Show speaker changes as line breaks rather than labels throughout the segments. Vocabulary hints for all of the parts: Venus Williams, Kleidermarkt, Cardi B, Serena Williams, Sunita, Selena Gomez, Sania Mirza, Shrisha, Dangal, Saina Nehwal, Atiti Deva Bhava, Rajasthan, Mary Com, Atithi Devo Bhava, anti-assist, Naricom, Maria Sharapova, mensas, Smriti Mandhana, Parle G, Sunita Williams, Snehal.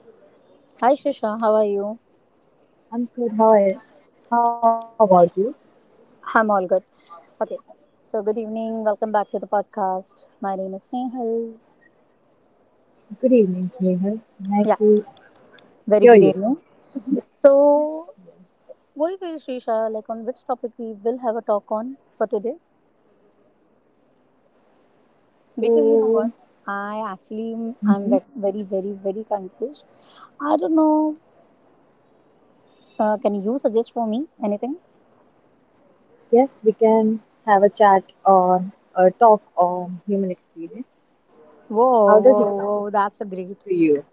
Hi,
Hi, Shrisha. How are you?
I'm good. How are, how about you?
I'm all good. Okay. So, good evening. Welcome back to the podcast. My name is Snehal.
Good evening, Snehal. Nice
Yeah.
to
Very
hear
good
you.
evening. So, what do you feel, Shrisha? Like, on which topic we will have a talk on for today? Because you know what?
So,
I'm
mhm,
very, very, very confused. I don't know. Can you suggest for me anything?
yes, we can have a chat on a talk on human experience. How
Whoa,
does it
whoa,
sound
whoa. That's a great.
to you?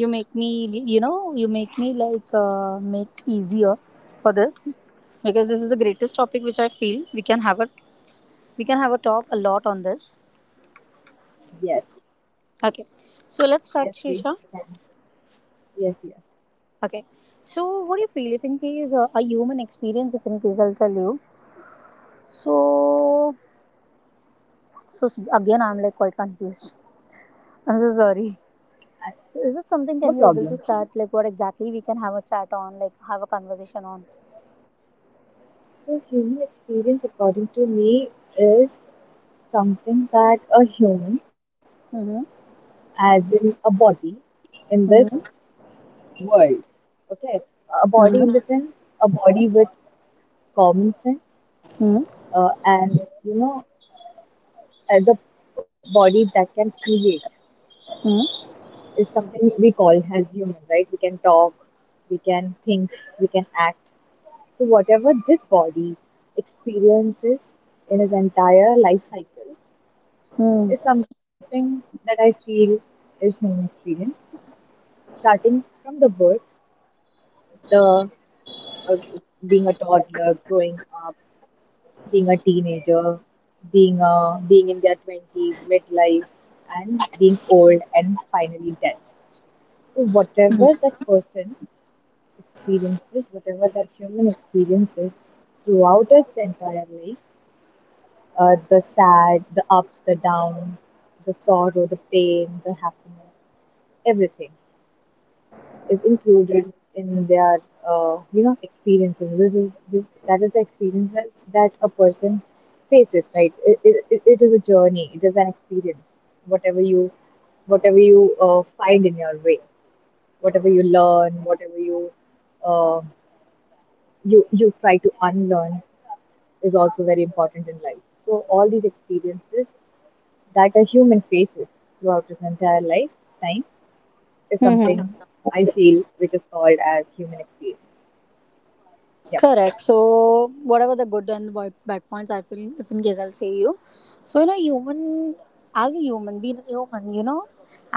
you make me you know, you make me like make easier for this, because this is the greatest topic which I feel we can have a we can have a talk a lot on this.
Yes,
Okay, so let's start,
yes, we
shisha.
can. Yes, yes.
Okay, so what do you feel if in case a human experience if in case I'll tell you. So, again I'm like quite confused. I'm so sorry.
I,
So is it something,
no
can you able to
problem.
start like what exactly we can have a chat on, like have a conversation on?
So, human experience, according to me, is something that a human,
Mm-hmm.
as in a body, in this
Mm-hmm.
world. Okay, a body
Mm-hmm.
in the sense, a body with common sense,
Mm-hmm.
and you know, the body that can create
Mm-hmm.
is something we call as human, right? We can talk, we can think, we can act. So whatever this body experiences in his entire life cycle
Mm-hmm.
is something that I feel is human experience, starting from the birth, the uh, being a toddler, growing up being a teenager, being a being in their twenties, midlife, and being old and finally dead. So whatever that person experiences, whatever that human experiences throughout its entire life, the sad, the ups, the downs, the sorrow, the pain, the happiness, everything is included in their you know, experiences. That is the experiences that a person faces, right? It is a journey, it is an experience. Whatever you whatever you uh, find in your way, whatever you learn, whatever you uh, you try to unlearn is also very important in life. So all these experiences that a human faces throughout his entire life time is something
Mm-hmm.
I feel which is called as human experience. Yep.
Correct. So, whatever the good and bad points, I feel, if in case I'll say you. So, you know, human, as a human, being a human, you know,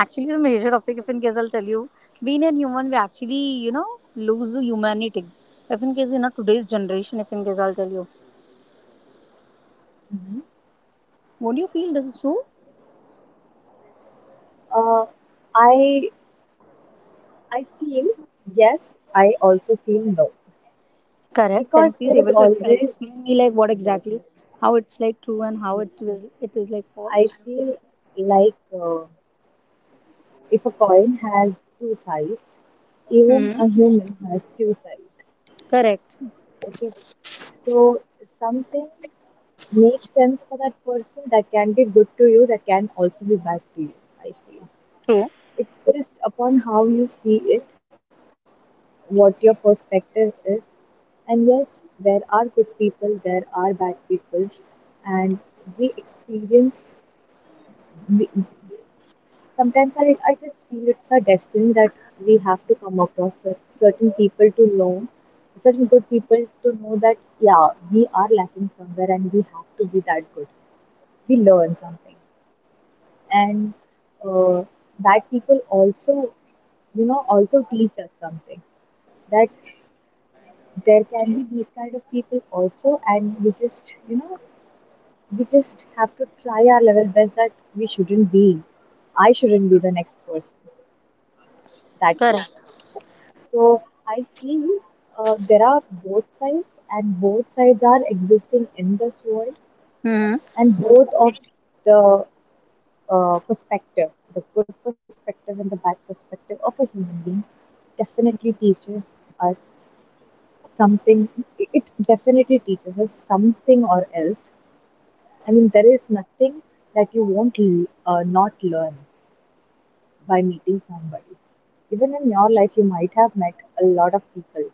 actually the major topic, if in case I'll tell you, being a human, we actually, you know, lose humanity. If in case, you know, today's generation, if in case I'll tell you.
Mhm.
Won't you feel this is true?
Uh, I I feel yes. I also feel no,
Correct. Can you
because
please
there is
able to
always
explain me, like, what
yes,
exactly, how it's like true and
yes.
how it is like
I
false?
feel like if a coin has two sides, even
Mm-hmm.
a human has two sides.
Correct.
Okay, so something makes sense for that person. That can be good to you, that can also be bad to you, I feel.
True.
It's just upon how you see it, what your perspective is. And yes, there are good people, there are bad people, and we experience, we, sometimes I just feel it's our destiny that we have to come across certain people to know, certain good people to know that, yeah, we are lacking somewhere and we have to be that good. We learn something. And uh, that people also, you know, also teach us something, that there can be these kind of people also, and we just, you know, we just have to try our level best that we shouldn't be. I shouldn't be the next person that way.
Correct.
So I feel there are both sides, and both sides are existing in this world,
Mm-hmm.
and both of the perspective, the good perspective and the bad perspective of a human being, definitely teaches us something. It definitely teaches us something, or else I mean, there is nothing that you won't not learn by meeting somebody. Even in your life, you might have met a lot of people.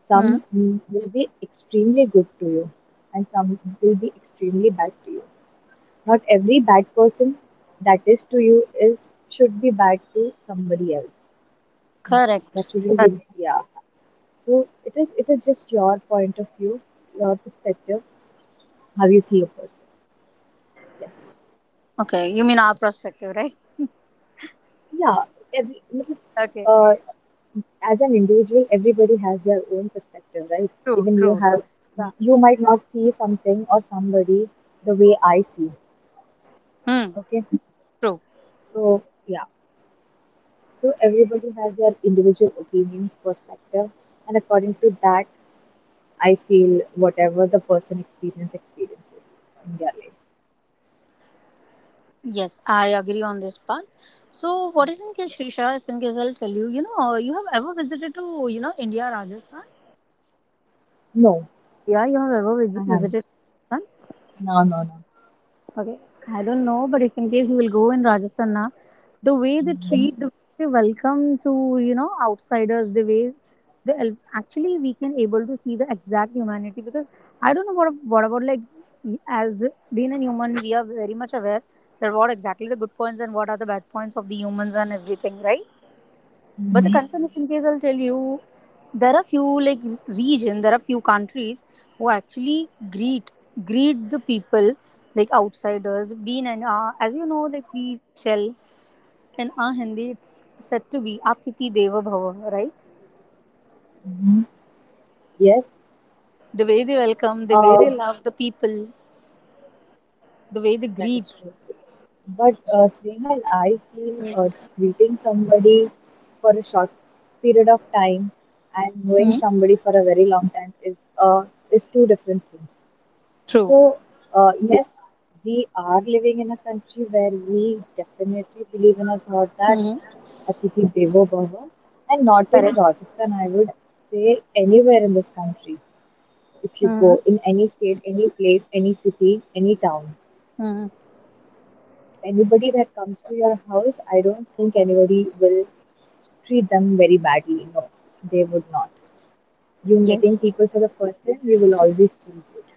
Some will be extremely good to you, and some will be extremely bad to you. Not every bad person that is to you is should be bad to somebody else. No,
Correct.
that shouldn't be.
Correct.
Mhm. Yeah. So it is. It is just your point of view, your perspective, how you see a person. Yes.
Okay, you mean our perspective, right?
Yeah, every, मतलब,
Okay.
uh, as an individual, everybody has their own perspective, right?
True,
Even you
true,
have,
true. Yeah.
you might not see something or somebody the way I see.
Hmm.
Okay,
True.
so yeah, so everybody has their individual opinions, perspective, and according to that, I feel whatever the person experiences in their life.
Yes, I agree on this part. So, what
Yeah.
do you think, is, Shrisha? I think is I'll tell you. You know, you have ever visited to, you know, India, Rajasthan?
No,
Yeah, you have ever
I haven't.
visited.
No, no, no.
Okay, I don't know, but if in case you will go in Rajasthan, na, the way they
Hmm.
treat, they welcome to, you know, outsiders, the way they actually we can able to see the exact humanity. Because I don't know what about like, as being a human, we are very much aware that what exactly the good points and what are the bad points of the humans and everything, right? But the concern is in case I'll tell you, there are few like region, there are few countries who actually greet the people like outsiders. Being an as you know, like we tell in our Hindi, it's said to be Atiti Deva Bhava, right?
Hmm. Yes.
The way they welcome, the way
Uh,
they love the people, the way they
That
greet.
is true. But Snehal, I feel treating somebody for a short period of time and knowing
Hmm?
somebody for a very long time is two different things.
True.
So yes, we are living in a country where we definitely believe in a thought that
Hmm.
Atithi Devo Bhava, and not in
Correct.
Rajasthan. I would say anywhere in this country. If you
Hmm.
go in any state, any place, any city, any town,
Hmm.
anybody that comes to your house, I don't think anybody will treat them very badly. No, they would not. You meeting
Yes.
people for the first time, you will always feel good.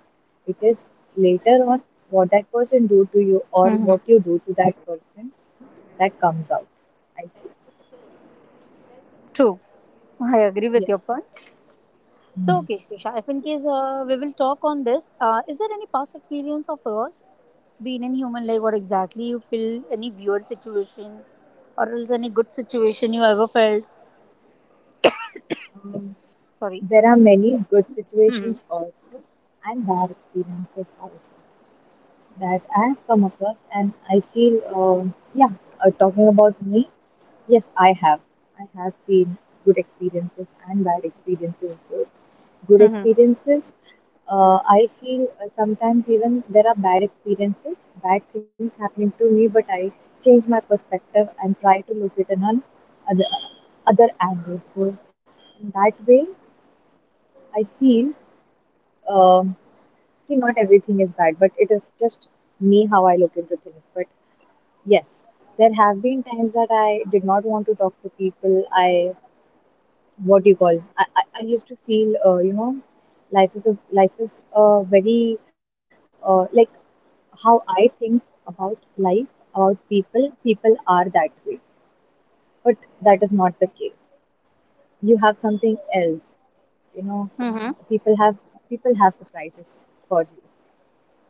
It is later on what that person do to you or
Hmm.
what you do to that person that comes out. I feel
True. I agree with your
yes.
point. So,
Mm.
okay, Shrisha, if in case we will talk on this, is there any past experience of yours being in human life? What exactly you feel? Any weird situation, or else any good situation you ever felt?
Um,
Sorry.
there are many good
Hmm.
situations also and bad experiences also, that I have come across, and I feel, yeah, talking about me, yes, I have. I have seen good experiences and bad experiences, both. Good
Hmm.
experiences, I feel sometimes even there are bad experiences, bad things happening to me, but I change my perspective and try to look at an other, other angle. So, in that way, I feel um, okay, not everything is bad, but it is just me how I look into things. But yes, there have been times that I did not want to talk to people. What do you call? I used to feel, you know, life is a very, like how I think about life, about people. People are that way, but that is not the case. You have something else, you know.
Hmm.
People have people have surprises for you.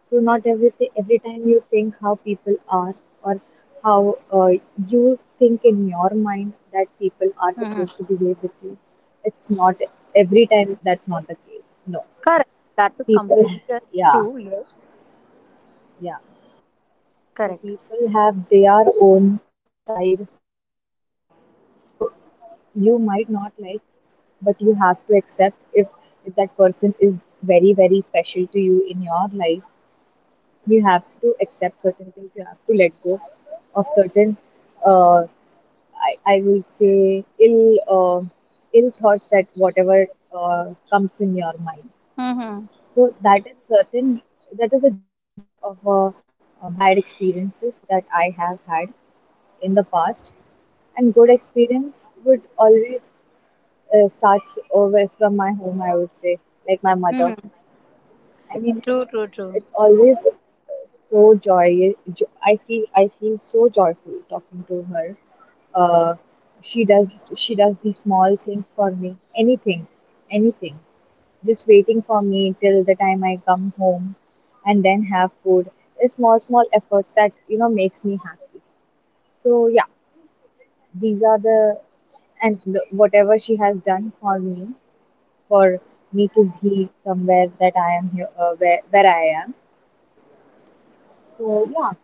So not everything every time you think how people are, or how you think in your mind that people are
Hmm.
supposed to behave with you. It's not every time that's not the case. No.
Correct. That is
People,
completely true.
yeah,
Yes.
yeah. So
Correct.
people have their own side of how they. So you might not like, but you have to accept if that person is very very special to you in your life, you have to accept certain things. You have to let go of certain uh, I will say ill thoughts that whatever comes in your mind.
Hmm.
So that is certain, that is a gist of bad experiences that I have had in the past. And good experience would always starts over from my home, I would say, like my mother,
Hmm.
I mean,
True. True. True.
it's always so joy. I feel so joyful talking to her. Uh, she does the small things for me. Anything, anything. Just waiting for me till the time I come home, and then have food. It's small small efforts that you know makes me happy. So yeah, these are the, and the, whatever she has done for me to be somewhere that I am here where I am. So yeah,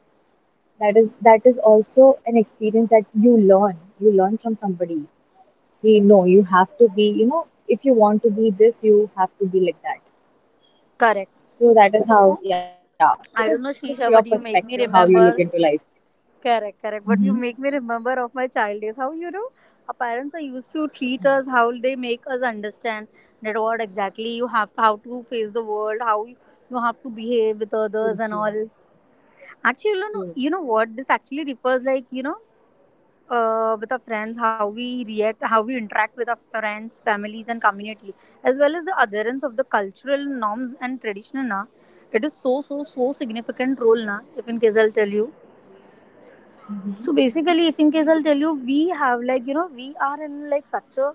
that is also an experience that you learn, you learn from somebody. We know you have to be, you know, if you want to be this, you have to be like that.
Correct.
So that is how,
So
yeah, it is
I
just
don't know,
your
Shrisha, but
perspective
you
how
make
you
me
look into life.
remember. Correct,
Mm-hmm.
correct. But you make me remember of my child days. How, you know, our parents are used to treat us, how they make us understand that what exactly you have, how to face the world, how you have to behave with
True,
others
true,
and all. Actually, you
true.
know, what this actually refers like. You know, with our friends, how we react, how we interact with our friends, families, and community, as well as the adherence of the cultural norms and tradition. Na, it is so so so significant role. Na, if in case I'll tell you, so basically, if in case I'll tell you, we have like, you know, we are in like such a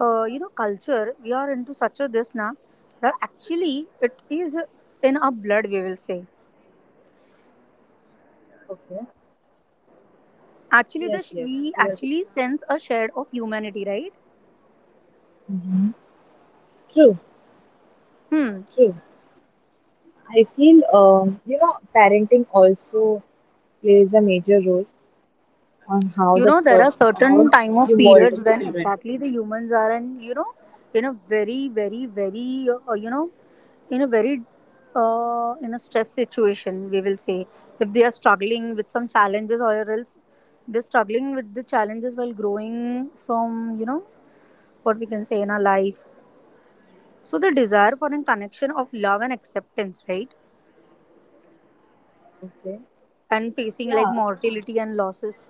you know, culture. We are into such a this now that actually it is in our blood. We will say
Okay.
actually
Yes, yes,
we
you are.
actually sense a shade of humanity, right?
Hmm. True,
Hmm.
true. I feel, you know, parenting also plays a major role on how
You
the
know, there are
person, how
certain time of
you mold
periods when
children.
exactly the humans are in, you know, in a very very very you know, in a very in a stress situation we will say, if they are struggling with some challenges, or else they're struggling with the challenges while growing from, you know, what we can say in our life. So the desire for a connection of love and acceptance, right,
Okay.
and facing like
Yeah,
mortality and losses.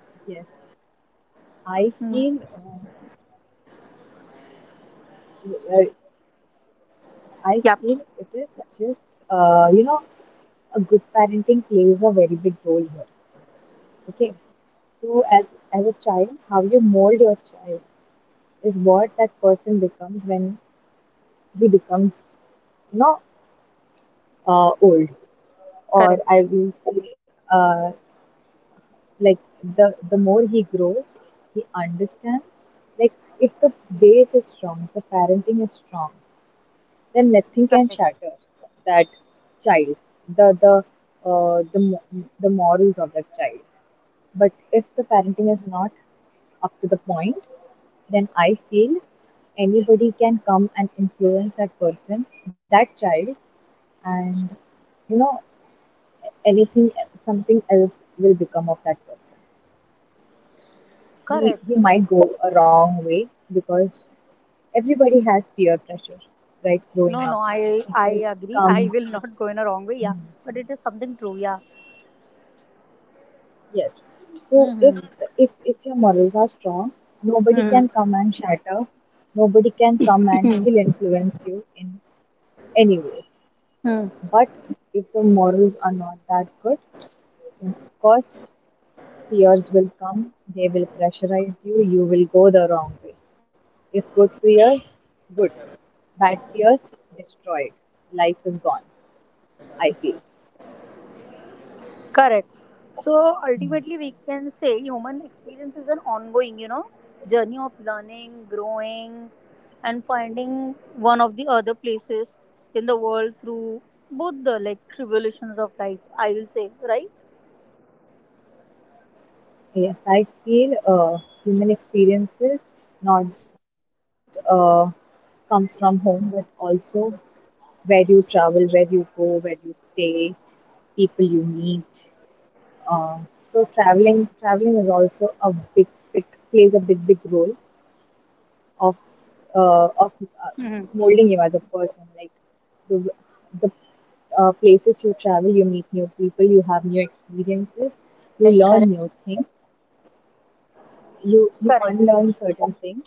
yes. I
Hmm.
feel uh, uh, I
Yeah.
feel it is just you know, a good parenting plays a very big role here. Okay, so as a child, how you mold your child is what that person becomes when he becomes, you know, old, or
Correct.
I will say like the more he grows, he understands. Like if the base is strong, if the parenting is strong, then nothing can
Correct.
shatter that child, the the uh, the mo- the morals of that child. But if the parenting is not up to the point, then I feel anybody can come and influence that person, that child, and you know, anything, something else will become of that person. he
Correct.
he might go a wrong way, because everybody has peer pressure, right? Growing
No no
up,
I
people
agree. I
come.
will not go in a wrong way, yeah. But it is something true, yeah.
Yes. So if
Mm-hmm.
if your morals are strong, nobody can
Mm-hmm.
come and shatter. Nobody can come and ill influence you in any way.
Hmm.
But if the morals are not that good, then of course peers will come. They will pressurize you. You will go the wrong way. If good peers, good. Bad peers, destroyed. Life is gone. I feel.
Correct. So ultimately, we can say human experience is an ongoing, you know, journey of learning, growing, and finding one of the other places in the world through both the like tribulations of life, I will say, right?
Yes, I feel human experiences, not just comes from home, but also where you travel, where you go, where you stay, people you meet. Uh, so traveling, traveling is also a big, big, plays a big, big role of uh, of uh,
Mm-hmm.
molding you as a person. Like the the places you travel, you meet new people, you have new experiences, you
Correct,
learn
correct.
new things, you
Correct.
unlearn certain things,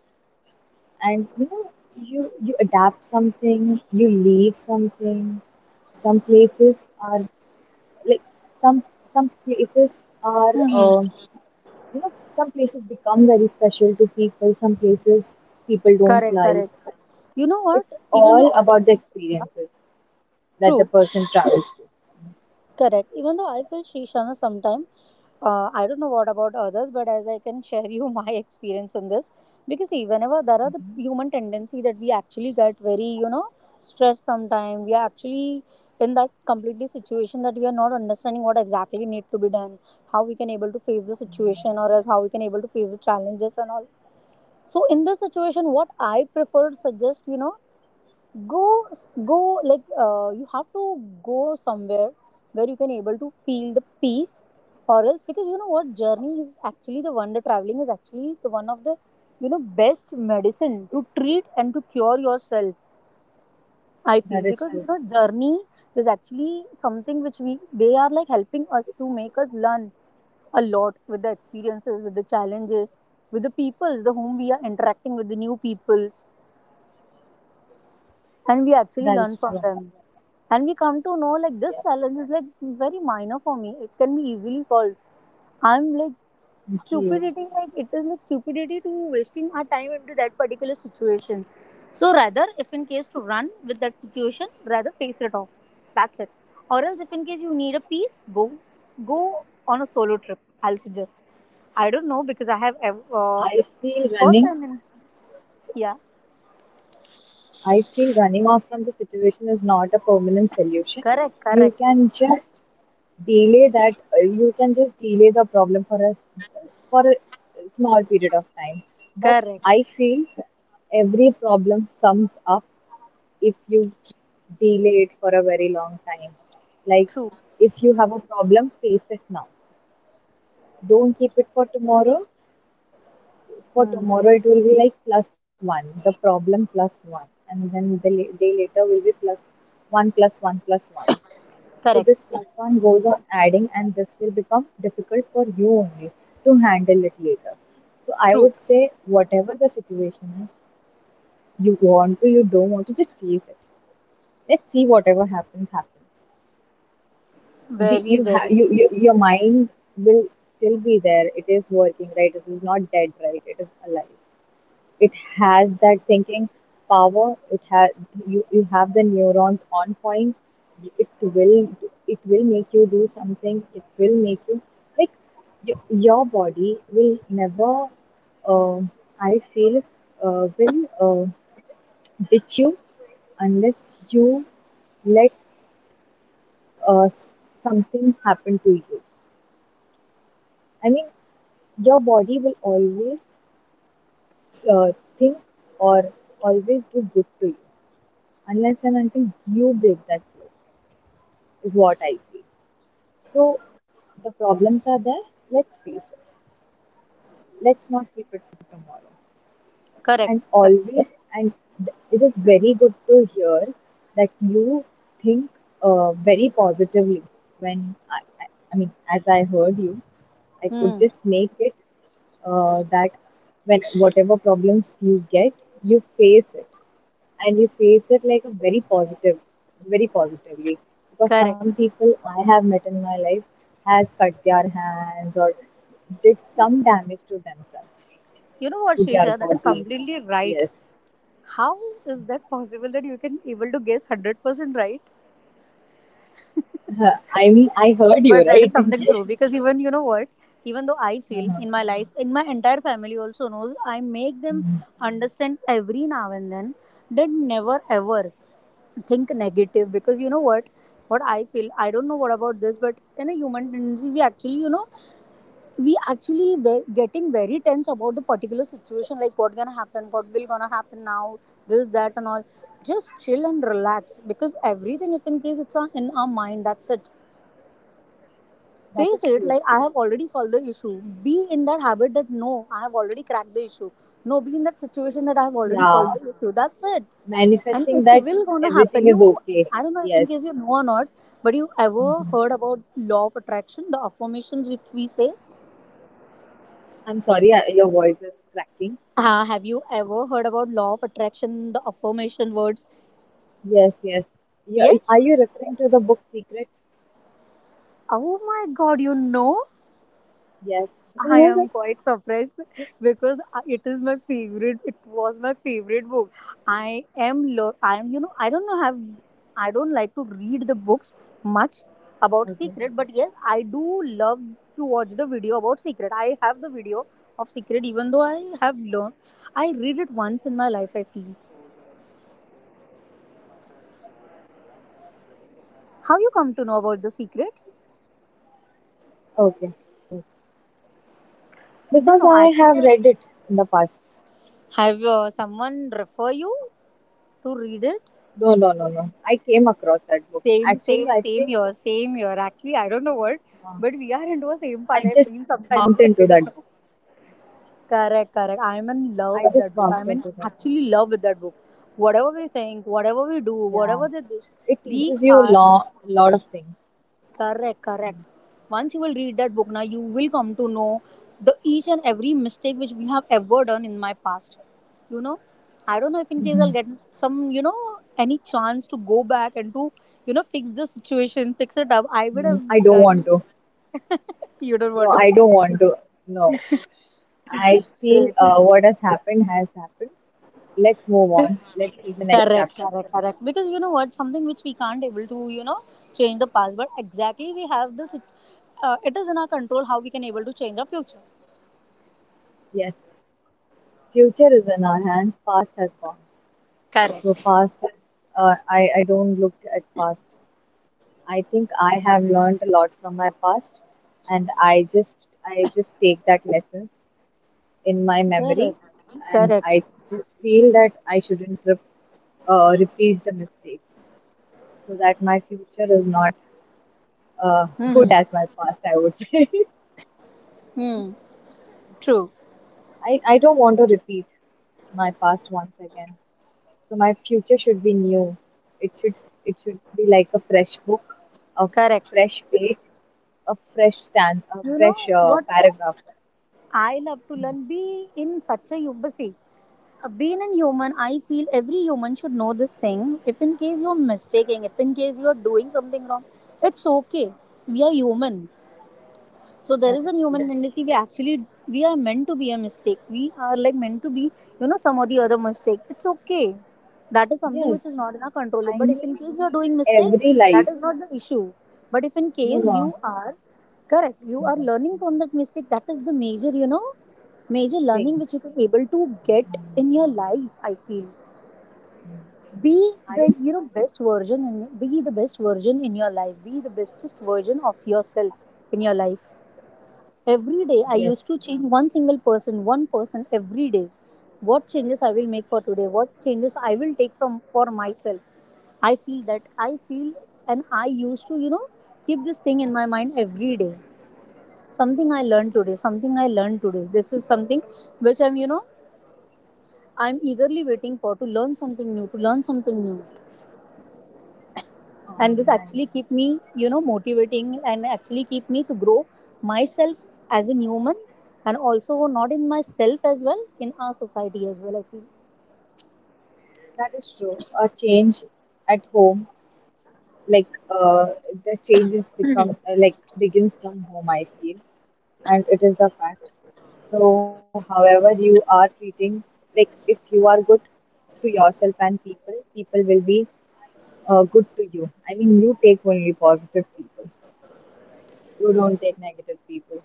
and you adapt something, you leave something. Some places are like some some places are, uh,
Mm-hmm.
some places become very special to people, some places people don't
Correct. Correct.
like.
You know what?
It's
Even though
all
I
about the experiences that the
True.
person travels to.
Correct. Even though I feel, Shrishana, sometime, I don't know what about others, but as I can share you my experience in this, because see, whenever there are the human tendency that we actually get very, you know, stressed sometime, we are actually in that completely situation that we are not understanding what exactly need to be done, how we can able to face the situation or else how we can able to face the challenges and all. So in this situation, what I prefer to suggest, you know, go go like, you have to go somewhere where you can able to feel the peace, or else because you know what, journey is actually the wonder traveling is actually the one of the, you know, best medicine to treat and to cure yourself, I
That
feel.
is true.
Because, you know, journey is actually something which we they are like helping us to make us learn a lot, with the experiences, with the challenges, with the peoples, the whom we are interacting with, the new people, and we
That
actually
is
learn
true.
from them. And we come to know like this challenge is like very minor for me, it can be easily solved. I'm like
Okay.
stupidity, like it is like stupidity to wasting our time into that particular situation. So rather if in case to run with that situation, rather face it off, that's it. Or else if in case you need a piece, go on a solo trip, I'll suggest. I don't know, because I have
i feel running
first time in, yeah.
I feel running off from the situation is not a permanent solution.
Correct,
You
correct,
can just delay that. You can just delay the problem for a small period of time. But
correct.
I feel every problem sums up if you delay it for a very long time. Like,
True.
if you have a problem, face it now. Don't keep it for tomorrow. For
Hmm.
tomorrow it will be like plus one, the problem plus one, and then the day later will be plus one plus one plus one. So
Correct.
this plus one goes on adding, and this will become difficult for you only to handle it later. So I
True.
would say, whatever the situation is, you want to, you don't want to, just face it. Let's see, whatever happens, happens.
Very,
You
very
have your mind will still be there. It is working, right? It is not dead, right? It is alive, it has that thinking power, it has, you have the neurons on point. It will, it will make you do something, it will make you, like your body will never, uh, I feel will, uh, ditch you unless you let, uh, s- something happen to you. I mean, your body will always, uh, think, or always do good to you unless and until you break that flow, is what I feel. So the problems are there, let's face it. Let's not keep it for tomorrow.
correct.
And
Correct.
always, and it is very good to hear that you think very positively. When I, I, I mean, as I heard you, I could
Hmm.
just make it that when whatever problems you get, you face it, and you face it like a very positive, very positively, because some
Correct.
people I have met in my life has cut their hands or did some damage to themselves,
You know
to
what,
their
Shrisha? That is
body.
completely right.
Yes.
How is that possible that you can able to guess 100% right?
I mean, I heard you
But that is
right.
something true, because even you know what, even though I feel
Uh-huh.
in my life, in my entire family also knows, I make them understand every now and then that never ever think negative. Because you know what I feel, I don't know what about this, but in a human tendency, we actually, you know, we actually were getting very tense about the particular situation, like what gonna happen, what will gonna happen now, this that and all. Just chill and relax, because everything if in case it's in our mind, that's it.
That
Face
is
it
true.
like I have already solved the issue. Be in that habit that no, I have already cracked the issue. No, be in that situation that I have already
Yeah,
solved the issue, that's it. And
manifesting
it
that
will gonna
everything
happen. You
is okay.
I don't know if in
Yes.
case you know or not, but you ever
Mhm.
heard about law of attraction, the affirmations which we say?
I'm sorry, your voice is cracking.
Have you ever heard about law of attraction, the affirmation words?
Yes, yes. Yeah,
Yes.
are you referring to the book Secret?
Oh my god, you know?
Yes.
I am quite surprised because it is my favorite. It was my favorite book. I
Okay.
am, you know, I don't like to read the books much about Secret, but yes, I do love to watch the video about Secret. I have the video of Secret, even though I have learned. I read it once in my life, I feel.
Okay. No, of course it works. Law
How
of
you come to know
attraction
about the Secret?
definitely works. Because I have read it in the past.
No, no, actually. Have someone refer you to read it?
No, no, no, no. I came across that book.
Same, same,
Actually, I
same year,
think,
same year. Actually, I don't know what, but
uh,
we are into a same path, I
I
feel
just
sometimes.
bumped
I
into
don't know.
that book.
Correct, correct. I'm in
I
love with
just
that book.
bumped
I'm in
into that book.
actually love with that book. Whatever we think, whatever we do,
Yeah.
whatever the
It
dish,
teaches you a
we
lot,
are
lot of things.
Correct, correct. Once you will read that book, now you will come to know the each and every mistake which we have ever done in my past. You know, I don't know if in case I'll get some, any chance to go back and to fix the situation, fix it up. I would
Mm,
have
I don't want
done.
to.
You don't
No,
want to.
I don't want to. No. I feel
Great.
what has happened has happened. Let's move on. Let's see the next
correct,
chapter.
correct, correct. Because you know what, something which we can't able to, change the past, but exactly we have this. It is in our control how we can able to change the future.
Yes. Future is in our hands, past has gone. So
Correct.
past is, uh, I don't look at past. I think I have learned a lot from my past, and I just take that lessons in my memory,
Correct.
and I
Correct.
just feel that I shouldn't repeat the mistakes so that my future is not good
Hmm.
as my past, I would say.
Hmm. True.
I don't want to repeat my past once again. So my future should be new. It should it should be like a fresh book, a
Correct.
fresh page, a fresh stand, a
You
fresh
know what
paragraph.
I love to learn? Be in such a you- but see, Being a human, I feel every human should know this thing. If in case you're mistaking, if in case you're doing something wrong, it's okay. We are human. So there
That
is a
is
human
true.
tendency. We are meant to be a mistake, we are like meant to be, you know, some or the other mistake. It's okay. That is something
Yes,
which is not in our control,
I
but if in
mean,
case you are doing mistake,
every
that
life,
is not the issue. But if in
you
case you
know,
are correct, you are learning from that mistake. That is the major, you know, major
thing.
learning which you can able to get in your life, I feel. Be the
I,
you know best version, and be the best version in your life. Be the bestest version of yourself in your life. Every day, I used to
yes,
change one single person, one person every day. What changes I will make for today? What changes I will take from for myself? I feel, and I used to, you know, keep this thing in my mind every day. Something I learned today. Something I learned today. This is something which I'm, you know, I'm eagerly waiting for to learn something new. To learn something new.
oh,
And this actually
nice.
keep me, you know, motivating, and actually keep me to grow myself as a human, and also not in myself as well, in our society as well, I feel.
That is true. A change at home, like uh, the changes becomes, like, begins from home, I feel, and it is the fact. So however you are treating, like, if you are good to yourself, and people will be good to you. I mean, you take only positive people, you don't take negative people.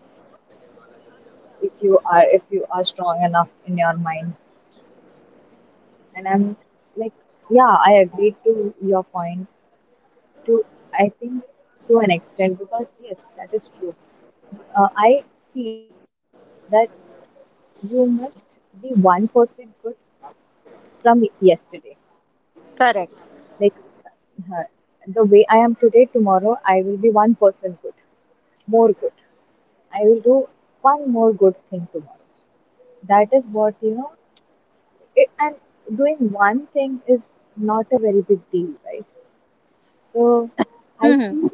If you are strong enough in your mind, and I'm like yeah, I agree to your point, to I think, to an extent, because yes, that is true. I feel that you must be 1% good from yesterday.
Correct.
Like, uh, the way I am today, tomorrow I will be 1% good, more good. I will do one more good thing tomorrow. That is what, you know. It, and doing one thing is not a very big deal, right? So I
Hmm.
feel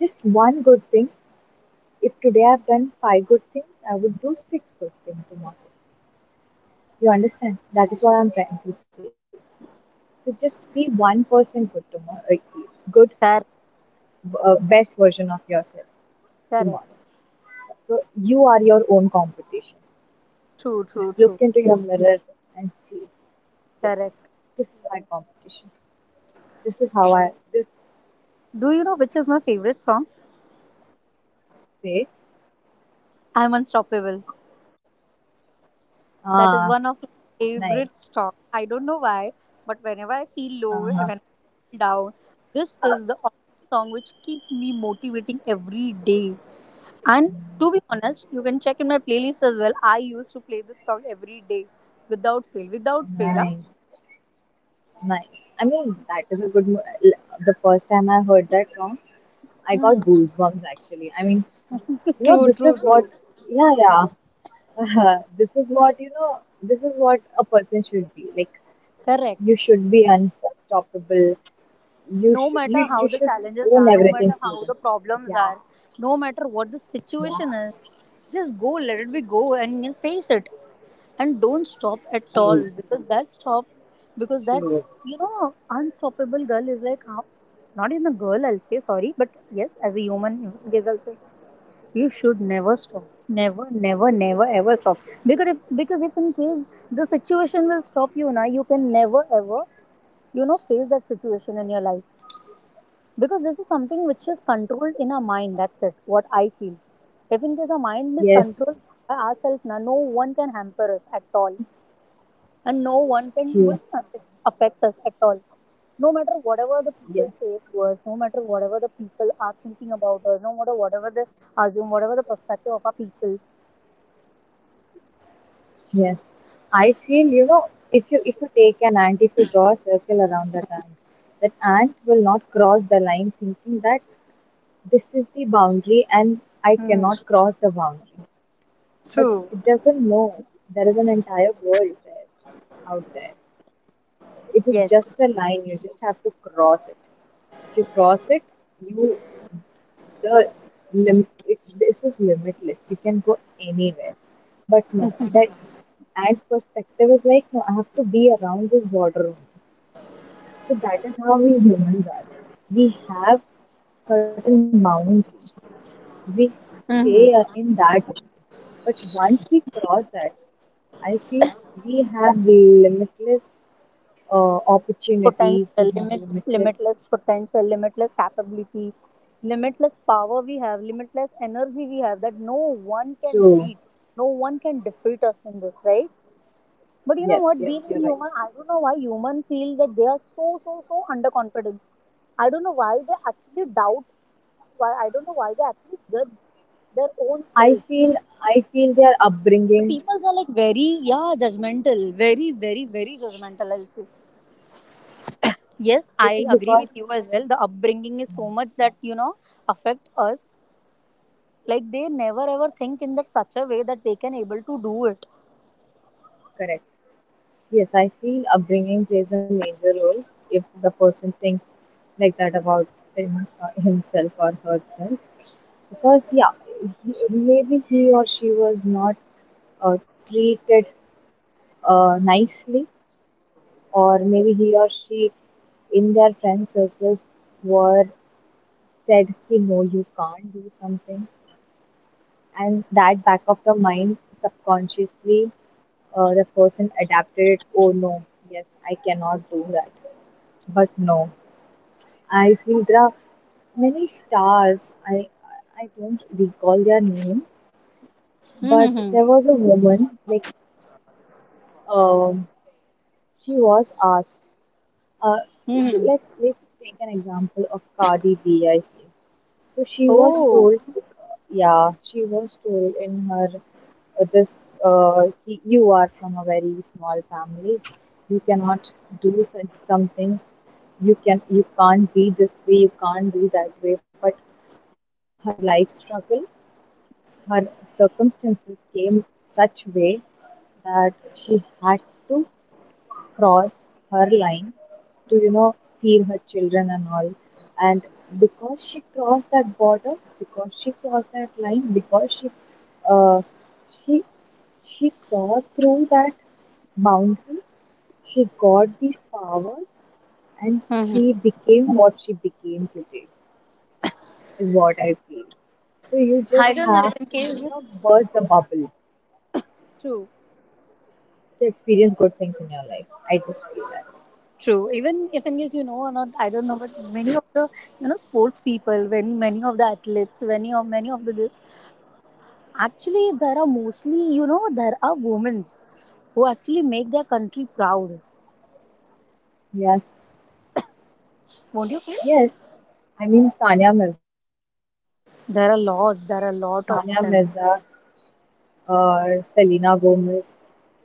just one good thing. If today I've done five good things, I would do six good things tomorrow. You understand? That is what I'm trying to say. So just be one person good tomorrow, good,
Correct.
best version of yourself tomorrow.
Correct.
So you are your own competition.
True,
Just
true,
look
true.
into your mirror and see, yes,
Correct.
this is my competition. This is how I this
Do you know which is my favorite song?
say.
I'm unstoppable. That is
Ah,
one of my
nice.
favorite songs. I don't know why, but whenever I feel low, when
Uh-huh.
I feel down, this
Uh huh.
is the only song which keep me motivating every day. And to be honest, you can check in my playlist as well. I used to play this song every day without fail. Without fail, huh?
Nice. Nice. I mean, that is a good. The first time I heard that song, I got
Hmm.
goosebumps actually. I mean, you know,
True,
this
true,
is what,
true.
yeah, yeah. This is what, you know, this is what a person should be. Like, you
Correct.
should be unstoppable.
No matter how
You
the
should
challenges
own
are, no matter
everything,
how the
Susan.
problems are,
Yeah,
no matter what the situation is,
yeah.
just go, let it be go and you face it. And don't stop at all,
True,
because that stop, because that,
true.
you know, unstoppable girl is like, how- not even a girl, I'll say, sorry, but yes, as a human, I guess, I, you should never stop. Never, never, never ever stop. Because if in case the situation will stop you now, you can never ever, you know, face that situation in your life. Because this is something which is controlled in our mind, that's it, what I feel. If in case our mind is controlled
Yes,
by ourselves, now no one can hamper us at all, and no one can will not
true.
affect us at all. No matter whatever the people say
Yes.
to us, no matter whatever the people are thinking about us, no matter whatever they assume, whatever the perspective of our people.
Yes, I feel, you know, if you take an ant, if you draw a circle around that ant will not cross the line, thinking that this is the boundary and I
Hmm.
cannot cross the boundary. But
True.
it doesn't know there is an entire world there, out there. It is
Yes.
just a line. You just have to cross it. If you cross it, you the this is limitless, you can go anywhere. But no, that ant's perspective is like, no, I have to be around this water only. So that is how we humans are. We have certain boundaries, we stay
Hmm.
in that only. But once we cross that, I feel we have limitless opportunities, we
Potential
have
limit,
limitless.
limitless potential, limitless capability, limitless power, we have limitless energy we have, that no one can
So
beat, no one can defeat us in this, right? But you know
yes,
what?
yes,
Being a
you're right.
human, I don't know why humans feel that they are so, so, so underconfident. I don't know why they actually doubt. Why I don't know why they actually judge their own
I
self.
feel, I feel their
The
upbringing.
peoples are like very, yeah, judgmental. Very, very, very judgmental, I'll say. Yes,
It is
I agree with
because
you as well. The upbringing is so much that you know affect us. Like they never ever think in that such a way that they can able to do it.
correct. Yes, I feel upbringing plays a major role if the person thinks like that about him, himself or herself. Because yeah, he, maybe he or she was not treated nicely, or maybe he or she in their friend circles were said, "He no, you can't do something," and that back of the mind, subconsciously, the person adapted it. Oh no, yes, I cannot do that. But no, I feel there are many stars, I don't recall their name, but
Mm-hmm.
there was a woman like, um she was asked. Uh,
Mm-hmm.
let's take an example of Cardi B, I think so. She was
Oh.
told, yeah, she was told in her, uh, this you are from a very small family. You cannot do such some things. You can, you can't be this way. You can't be that way. But her life struggle, her circumstances came such way that she had to cross her line to, you know, feed her children and all, and because she crossed that border, because she crossed that line, because uh, she she saw through that boundary, she got these powers, and
Mm-hmm.
she became what she became today, is what I feel. So you
I
just
don't know if
have
in
to,
case.
you know, burst the bubble
True.
to experience good things in your life, I just feel that.
True. Even if in case you know or not, I don't know, but many of the, you know, sports people, when many of the athletes, many of the this, actually there are mostly, you know, there are women who actually make their country proud.
Yes.
Won't you feel?
Yes, I mean, Sania Mirza,
There are lots. There are a
Sania
lot of
Mirza,
them.
Selena Gomez,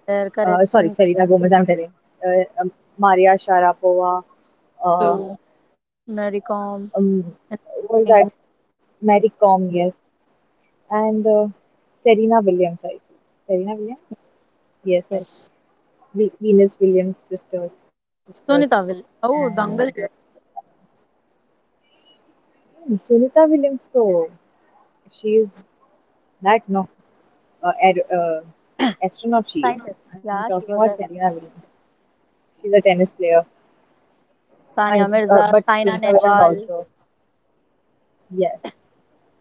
There correct,
sorry,
Sunita.
Selena Gomez, I'm telling, uh, um, Maria Sharapova, uh,
True.
um,
Naricom and
what is that?
thing.
Mary Com, yes, and Serena Williams, I think. Serena Williams? Yes, I think.
Yes.
Venus Williams' sisters, the sisters,
Sunita will. Oh,
and
Dangal.
hmm, Sunita Williams, though, she is that, no? uh, aer- uh, Astronaut she is.
Scientist.
I'm
Yeah,
talking
she
about
was a
Serena Williams. She's a tennis player. And
Sania Mirza,
but
Saina
Sunita Williams
Nehwal.
also. Yes.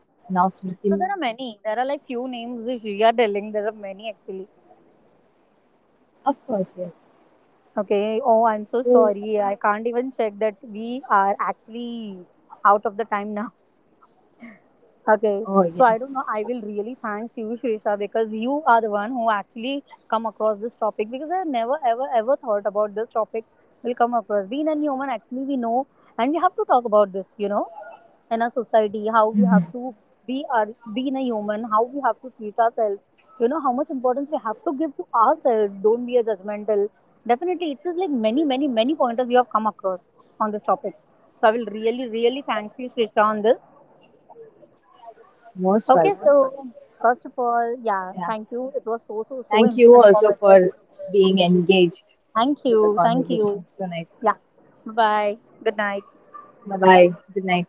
Now Smriti
So there are
Mandhana.
many. There are like few names if we are telling. There are many actually.
Of course, yes.
Okay. Oh, I'm so
So,
sorry. I can't even check that we are actually out of the time now.
oh
Okay. So
yes.
I don't know. I will really thanks you, Shrisha, because you are the one who actually come across this topic, because I never ever ever thought about this topic will come across. Being a human, actually, we know and we have to talk about this. You know, in a society, how we
Mhm.
have to be our being a human, how we have to treat ourselves, you know, how much importance we have to give to ourselves. Don't be a judgmental. Definitely, it was like many, many, many pointers you have come across on this topic. So I will really, really thank you, Shrita, on this.
Most
Okay,
welcome.
so first of all, yeah,
Yeah.
thank you. It was so, so, so
Thank
in-
you also for
informative.
being engaged
Thank
with the
you. Thank you.
conversation so nicely.
Yeah. Bye bye. Good night.
Bye bye. Good night.